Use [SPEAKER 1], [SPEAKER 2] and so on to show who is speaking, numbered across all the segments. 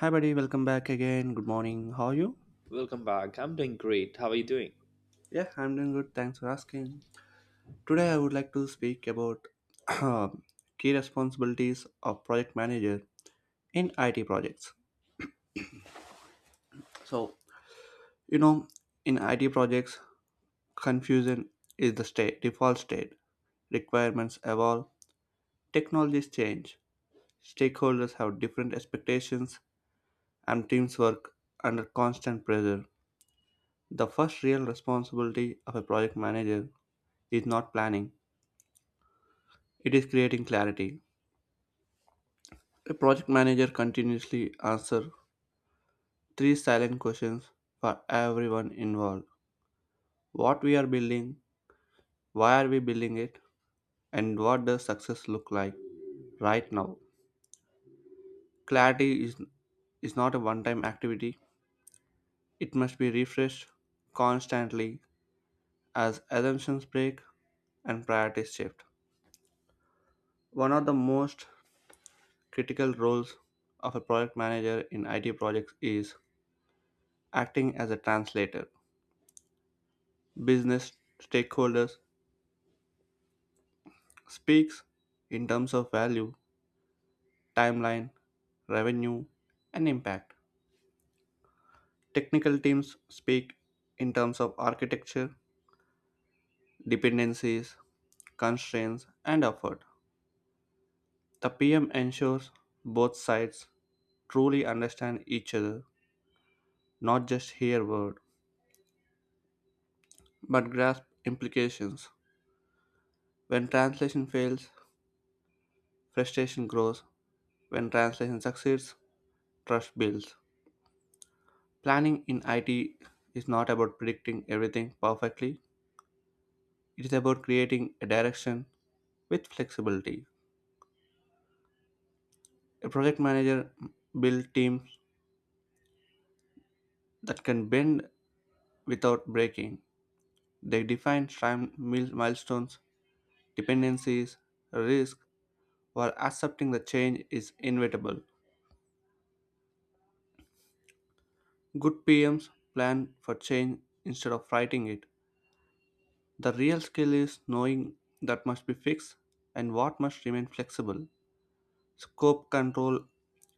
[SPEAKER 1] Hi, buddy. Welcome back again. Good morning. How are you?
[SPEAKER 2] Welcome back. I'm doing great. How are you doing?
[SPEAKER 1] Yeah, I'm doing good. Thanks for asking. Today, I would like to speak about key responsibilities of project manager in IT projects. So, you know, in IT projects, confusion is the state default state. Requirements evolve, technologies change, stakeholders have different expectations, and teams work under constant pressure. The first real responsibility of a project manager is not planning. It is creating clarity. A project manager continuously answers three silent questions for everyone involved. What we are building, why are we building it, and what does success look like right now? Clarity is not a one-time activity. It must be refreshed constantly as assumptions break and priorities shift. One of the most critical roles of a project manager in IT projects is acting as a translator. Business stakeholders speaks in terms of value, timeline, revenue, and impact. Technical teams speak in terms of architecture, dependencies, constraints, and effort. The PM ensures both sides truly understand each other, not just hear word, but grasp implications. When translation fails, frustration grows. When translation succeeds, trust builds. Planning in IT is not about predicting everything perfectly, it is about creating a direction with flexibility. A project manager builds teams that can bend without breaking. They define milestones, dependencies, risk, while accepting the change is inevitable. Good PMs plan for change instead of fighting it. The real skill is knowing that must be fixed and what must remain flexible. Scope control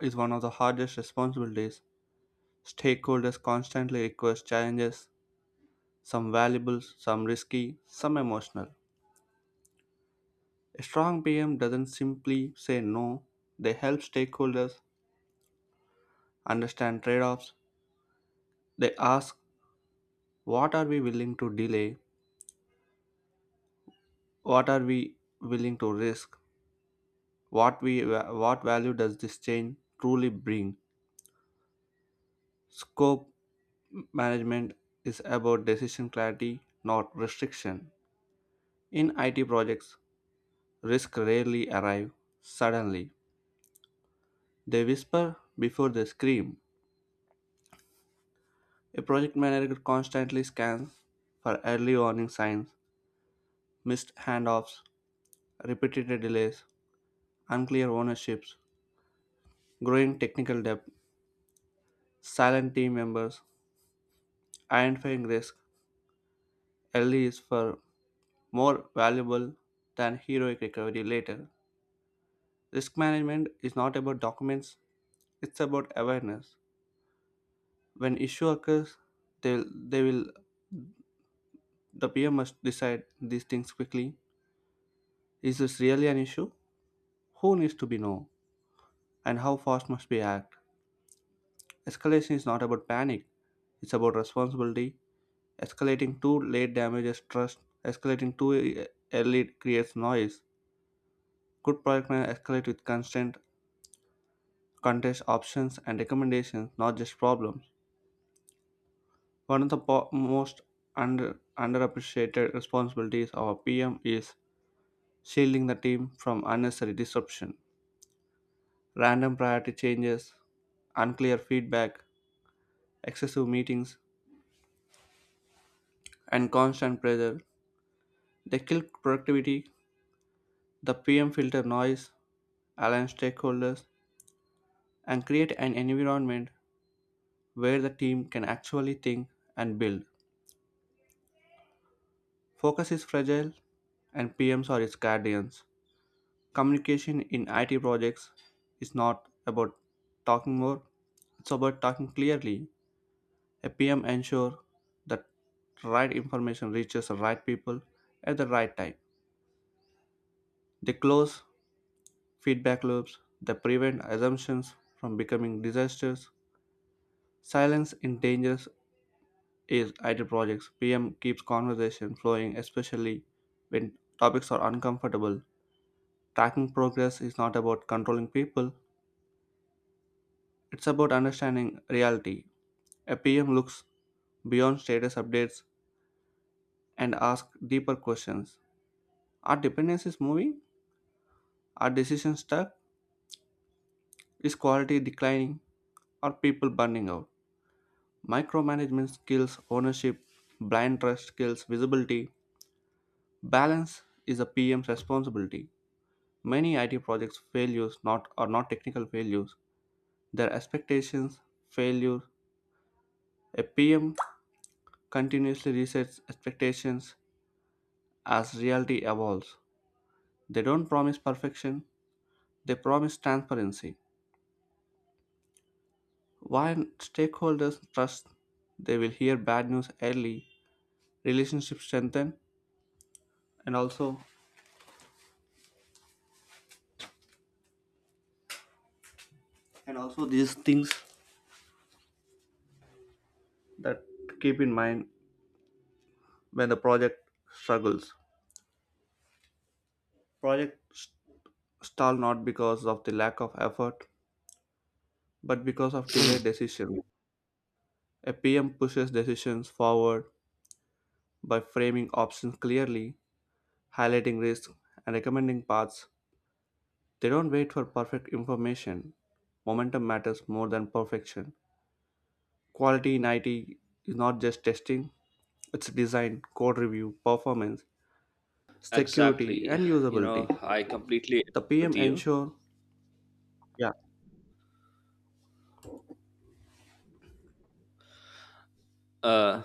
[SPEAKER 1] is one of the hardest responsibilities. Stakeholders constantly request challenges, some valuable, some risky, some emotional. A strong PM doesn't simply say no, they help stakeholders understand trade offs. They ask, what are we willing to delay? What are we willing to risk? What, we, what value does this change truly bring? Scope management is about decision clarity, not restriction. In IT projects, risks rarely arrive suddenly. They whisper before they scream. A project manager constantly scans for early warning signs, missed handoffs, repeated delays, unclear ownerships, growing technical debt, silent team members, identifying risk early is for more valuable than heroic recovery later. Risk management is not about documents, it's about awareness. When issue occurs, they will. The PM must decide these things quickly. Is this really an issue? Who needs to be known? And how fast must we act? Escalation is not about panic, it's about responsibility. Escalating too late damages trust, escalating too e- early creates noise. Good product manager escalate with constant contest options and recommendations, not just problems. One of the po- most under underappreciated responsibilities of a PM is shielding the team from unnecessary disruption. Random priority changes, unclear feedback, excessive meetings, and constant pressure. They kill productivity, the PM filter noise, align stakeholders, and create an environment where the team can actually think and build. Focus is fragile, and PMs are its guardians. Communication in IT projects is not about talking more, it's about talking clearly. A PM ensures that right information reaches the right people at the right time. They close feedback loops, they prevent assumptions from becoming disasters. Silence in dangers is IT projects. PM keeps conversation flowing, especially when topics are uncomfortable. Tracking progress is not about controlling people, it's about understanding reality. A PM looks beyond status updates and asks deeper questions. Are dependencies moving? Are decisions stuck? Is quality declining? Are people burning out? Micromanagement skills, ownership, blind trust skills, visibility, balance is a PM's responsibility. Many IT projects failures not are not technical failures. Their expectations failure. A PM continuously resets expectations as reality evolves. They don't promise perfection, they promise transparency. While stakeholders trust they will hear bad news early, relationship strengthen and also and also these things that keep in mind when the project struggles, project stall not because of the lack of effort but because of delayed decision. A pm pushes decisions forward by framing options clearly, highlighting risks, and recommending paths. They don't wait for perfect information. Momentum matters more than perfection. Quality in it is not just testing, it's design, code review, performance, security,
[SPEAKER 2] Exactly.
[SPEAKER 1] and
[SPEAKER 2] You know,
[SPEAKER 1] usability.
[SPEAKER 2] I completely
[SPEAKER 1] The
[SPEAKER 2] agree with
[SPEAKER 1] PM
[SPEAKER 2] you.
[SPEAKER 1] ensure. Yeah,
[SPEAKER 2] Uh,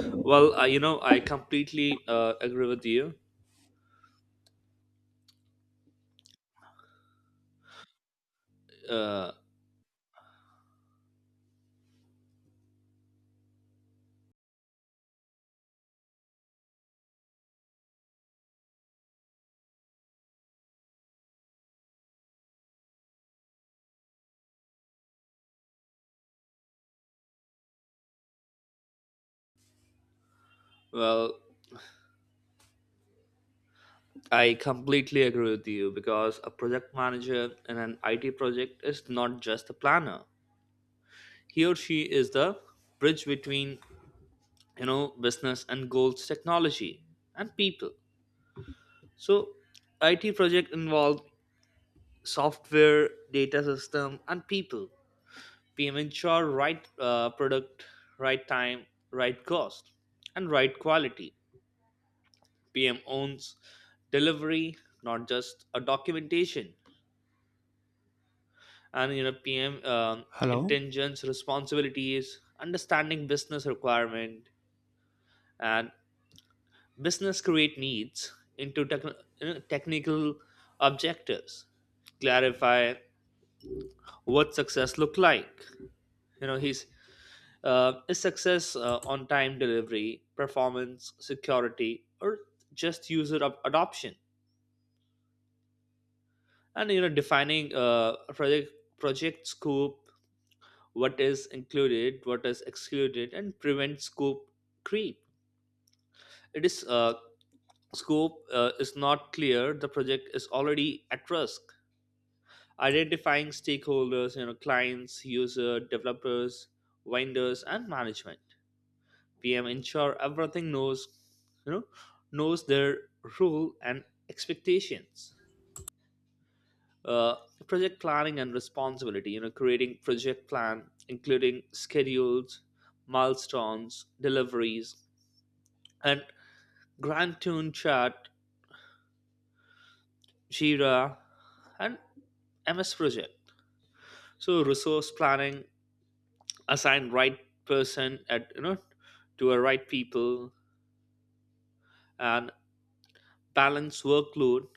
[SPEAKER 2] well, I, you know, I completely agree with you. Uh, well, I completely agree with you because a project manager in an IT project is not just a planner. He or she is the bridge between, you know, business and goals, technology and people. So, IT project involve software, data system, and people. Payment ensure right product, right time, right cost, and right quality. PM owns delivery, not just a documentation. And you know, PM
[SPEAKER 1] hello?
[SPEAKER 2] intelligence responsibilities, understanding business requirement and business create needs into techn you know, technical objectives. Clarify what success look like. You know, he's Is success on time delivery, performance, security, or just user up adoption? And you know, defining project scope, what is included, what is excluded, and prevent scope creep. It is scope is not clear. The project is already at risk. Identifying stakeholders, you know, clients, user, developers, vendors, and management. PM ensure everything knows, you know, knows their role and expectations. Uh, Project planning and responsibility, you know, creating project plan, including schedules, milestones, deliveries, and Grand Tune Chat, Jira, and MS Project. So resource planning, assign right person at, you know, to a right people, and balance workload,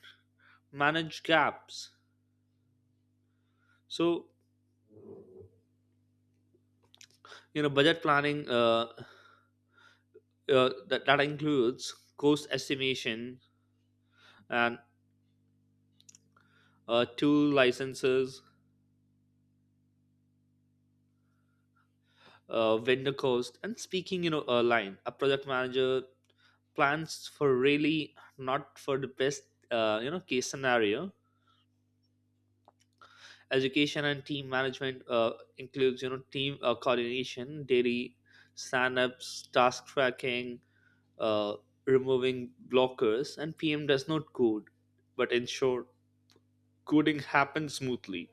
[SPEAKER 2] manage gaps. So, you know, budget planning, that includes cost estimation and tool licenses, vendor cost. And speaking, you know, a line, a project manager plans for really not for the best, you know, case scenario. Education and team management includes, you know, team coordination, daily stand-ups, task tracking, uh, removing blockers. And PM does not code but ensure coding happens smoothly.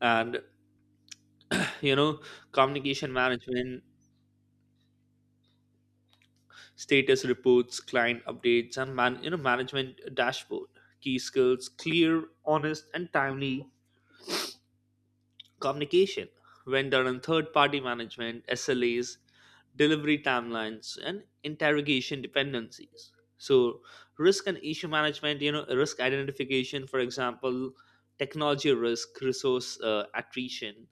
[SPEAKER 2] And, you know, communication management, status reports, client updates, and man you know, management dashboard. Key skills, clear, honest, and timely communication. Vendor and third party management, SLAs, delivery timelines, and interrogation dependencies. So, risk and issue management, you know, risk identification, for example, technology risk, resource attrition,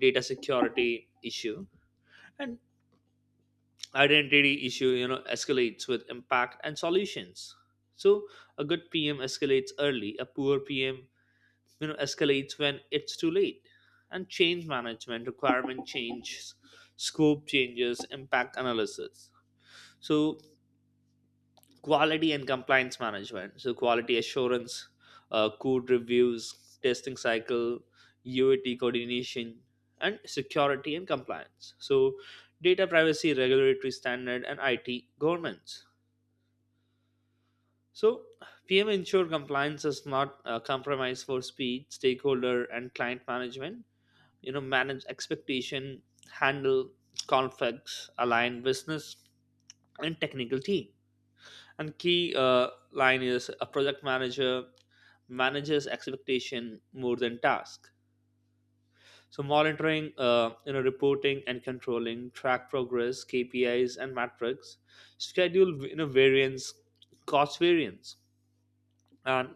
[SPEAKER 2] data security issue, and identity issue, you know, escalates with impact and solutions. So a good PM escalates early, a poor PM, you know, escalates when it's too late. And change management, requirement changes, scope changes, impact analysis. So quality and compliance management, so quality assurance, code reviews, testing cycle, UAT coordination, and security and compliance. So data privacy, regulatory standard, and IT governance. So, PM ensure compliance is not compromised for speed, stakeholder, and client management. You know, manage expectation, handle conflicts, align business and technical team. And key line is, a project manager manages expectation more than task. So monitoring, you know, reporting and controlling, track progress, KPIs and metrics, schedule, you know, variance, cost variance, and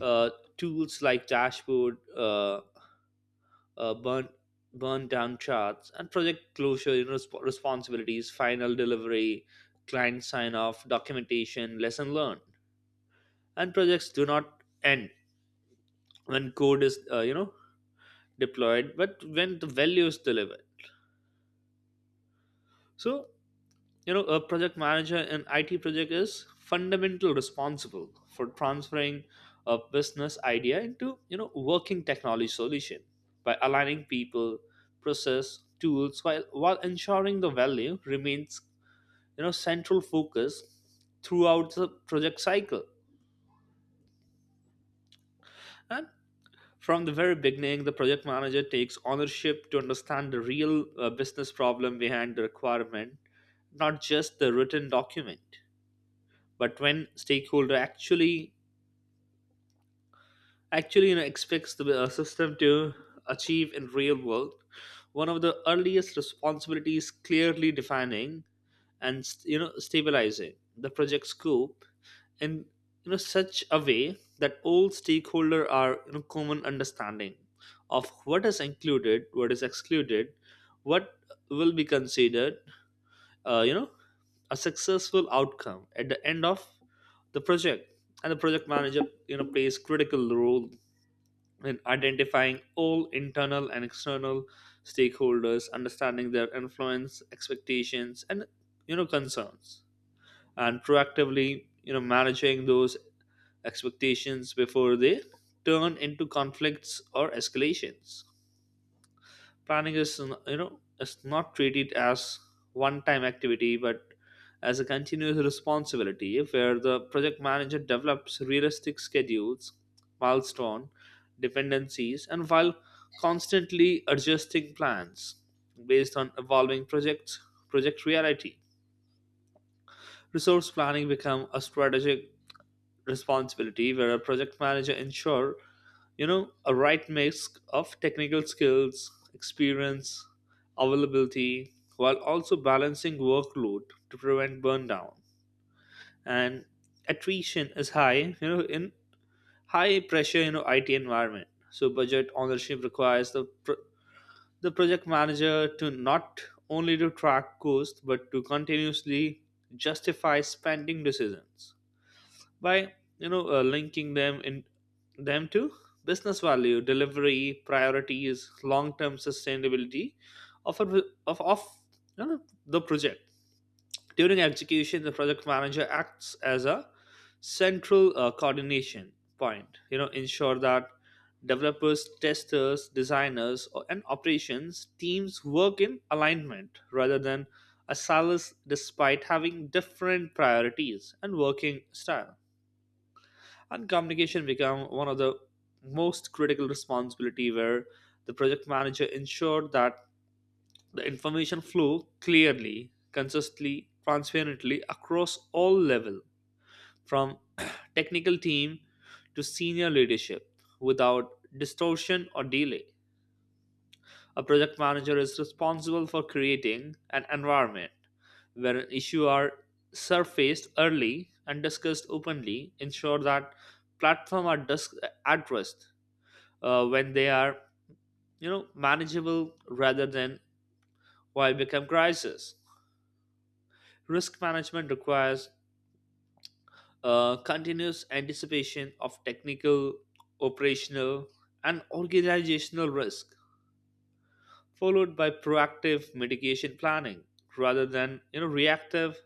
[SPEAKER 2] uh, tools like dashboard, uh, burn burn down charts, and project closure, you know, responsibilities, final delivery, client sign off, documentation, lesson learned. And projects do not end when code is, you know, deployed, but when the value is delivered. So, you know, a project manager in IT project is fundamental responsible for transferring a business idea into, you know, working technology solution by aligning people, process, tools, while ensuring the value remains, you know, central focus throughout the project cycle. And from the very beginning, the project manager takes ownership to understand the real business problem behind the requirement, not just the written document, but when stakeholder actually you know, expects the system to achieve in real world. One of the earliest responsibilities, clearly defining and, you know, stabilizing the project scope in, you know, such a way that all stakeholder are, you know, common understanding of what is included, what is excluded, what will be considered you know, a successful outcome at the end of the project. And the project manager, you know, plays critical role in identifying all internal and external stakeholders, understanding their influence, expectations, and, you know, concerns, and proactively, you know, managing those expectations before they turn into conflicts or escalations. You know, is not treated as one time activity but as a continuous responsibility where the project manager develops realistic schedules, milestone, dependencies, and while constantly adjusting plans based on evolving project reality. Resource planning become a strategic responsibility where a project manager ensure, you know, a right mix of technical skills, experience, availability, while also balancing workload to prevent burnout. And attrition is high, you know, in high pressure, you know, IT environment. So budget ownership requires the project manager to not only to track cost but to continuously justify spending decisions by, you know, linking them to business value delivery, priorities, long-term sustainability of you know, the project. During execution, the project manager acts as a central coordination point, you know, ensure that developers, testers, designers, and operations teams work in alignment rather than a silos, despite having different priorities and working style. And communication become one of the most critical responsibility where the project manager ensured that the information flew clearly, consistently, transparently across all level from technical team to senior leadership without distortion or delay. A project manager is responsible for creating an environment where issues are surfaced early and discussed openly, ensure that platform are addressed when they are, you know, manageable rather than why become crisis. Risk management requires continuous anticipation of technical, operational, and organizational risk, followed by proactive mitigation planning rather than, you know, reactive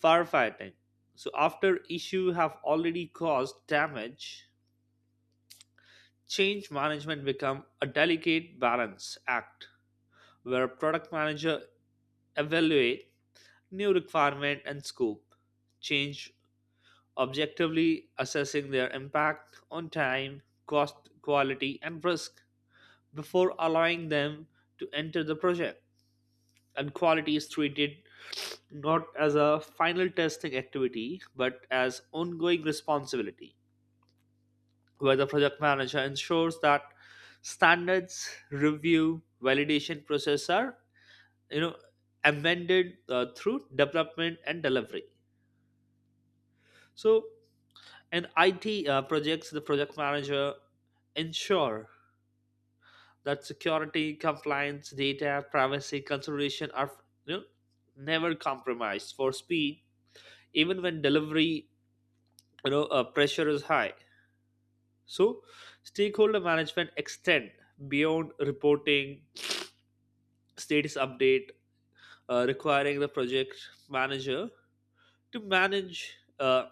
[SPEAKER 2] firefighting. So after issue have already caused damage, change management become a delicate balance act where product manager evaluate new requirement and scope, change objectively, assessing their impact on time, cost, quality, and risk before allowing them to enter the project. And quality is treated not as a final testing activity but as ongoing responsibility where the project manager ensures that standards, review, validation process are, you know, amended through development and delivery. So in IT projects, the project manager ensure that security, compliance, data privacy consideration are, you know, never compromised for speed even when delivery, you know, pressure is high. So stakeholder management extend beyond reporting status update, requiring the project manager to manage,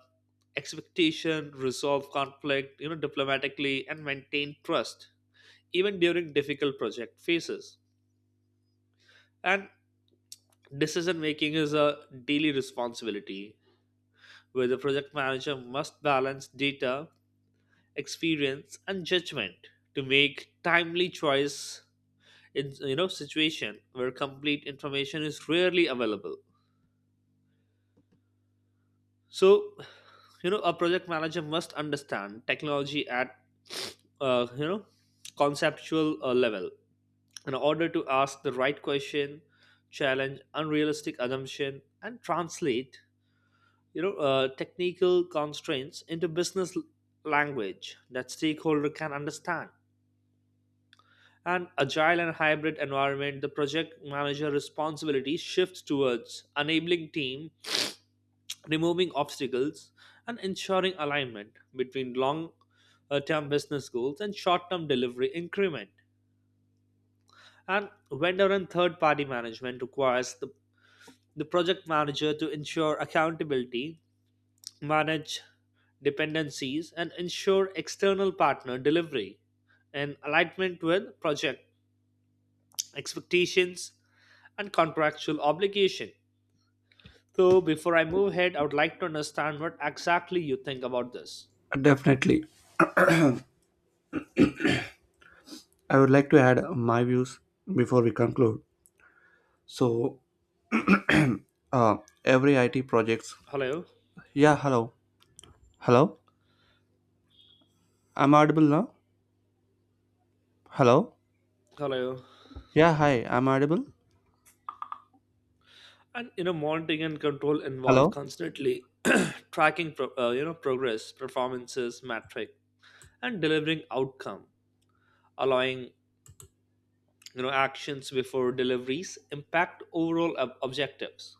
[SPEAKER 2] expectation, resolve conflict, you know, diplomatically, and maintain trust even during difficult project phases. And decision making is a daily responsibility where the project manager must balance data, experience, and judgment to make timely choice in, you know, situation where complete information is rarely available. So, you know, a project manager must understand technology at, you know, conceptual level in order to ask the right question, challenge unrealistic assumption, and translate, you know, technical constraints into business language that stakeholder can understand. An agile and hybrid environment, the project manager responsibility shifts towards enabling team, removing obstacles, and ensuring alignment between long term business goals and short term delivery increment. And vendor and third party management requires the project manager to ensure accountability, manage dependencies, and ensure external partner delivery in alignment with project expectations and contractual obligation. So, before I move ahead, I would like to understand what exactly you think about this.
[SPEAKER 1] Definitely. I would like to add my views before we conclude. So, uh, every IT projects.
[SPEAKER 2] Hello,
[SPEAKER 1] Yeah, hello, hello. I'm audible now. Hello.
[SPEAKER 2] hello.
[SPEAKER 1] Yeah, hi. I'm audible.
[SPEAKER 2] And you know, monitoring and control involve
[SPEAKER 1] Hello.
[SPEAKER 2] constantly tracking you know, progress, performances metric, and delivering outcome, allowing, you know, actions before deliveries impact overall objectives.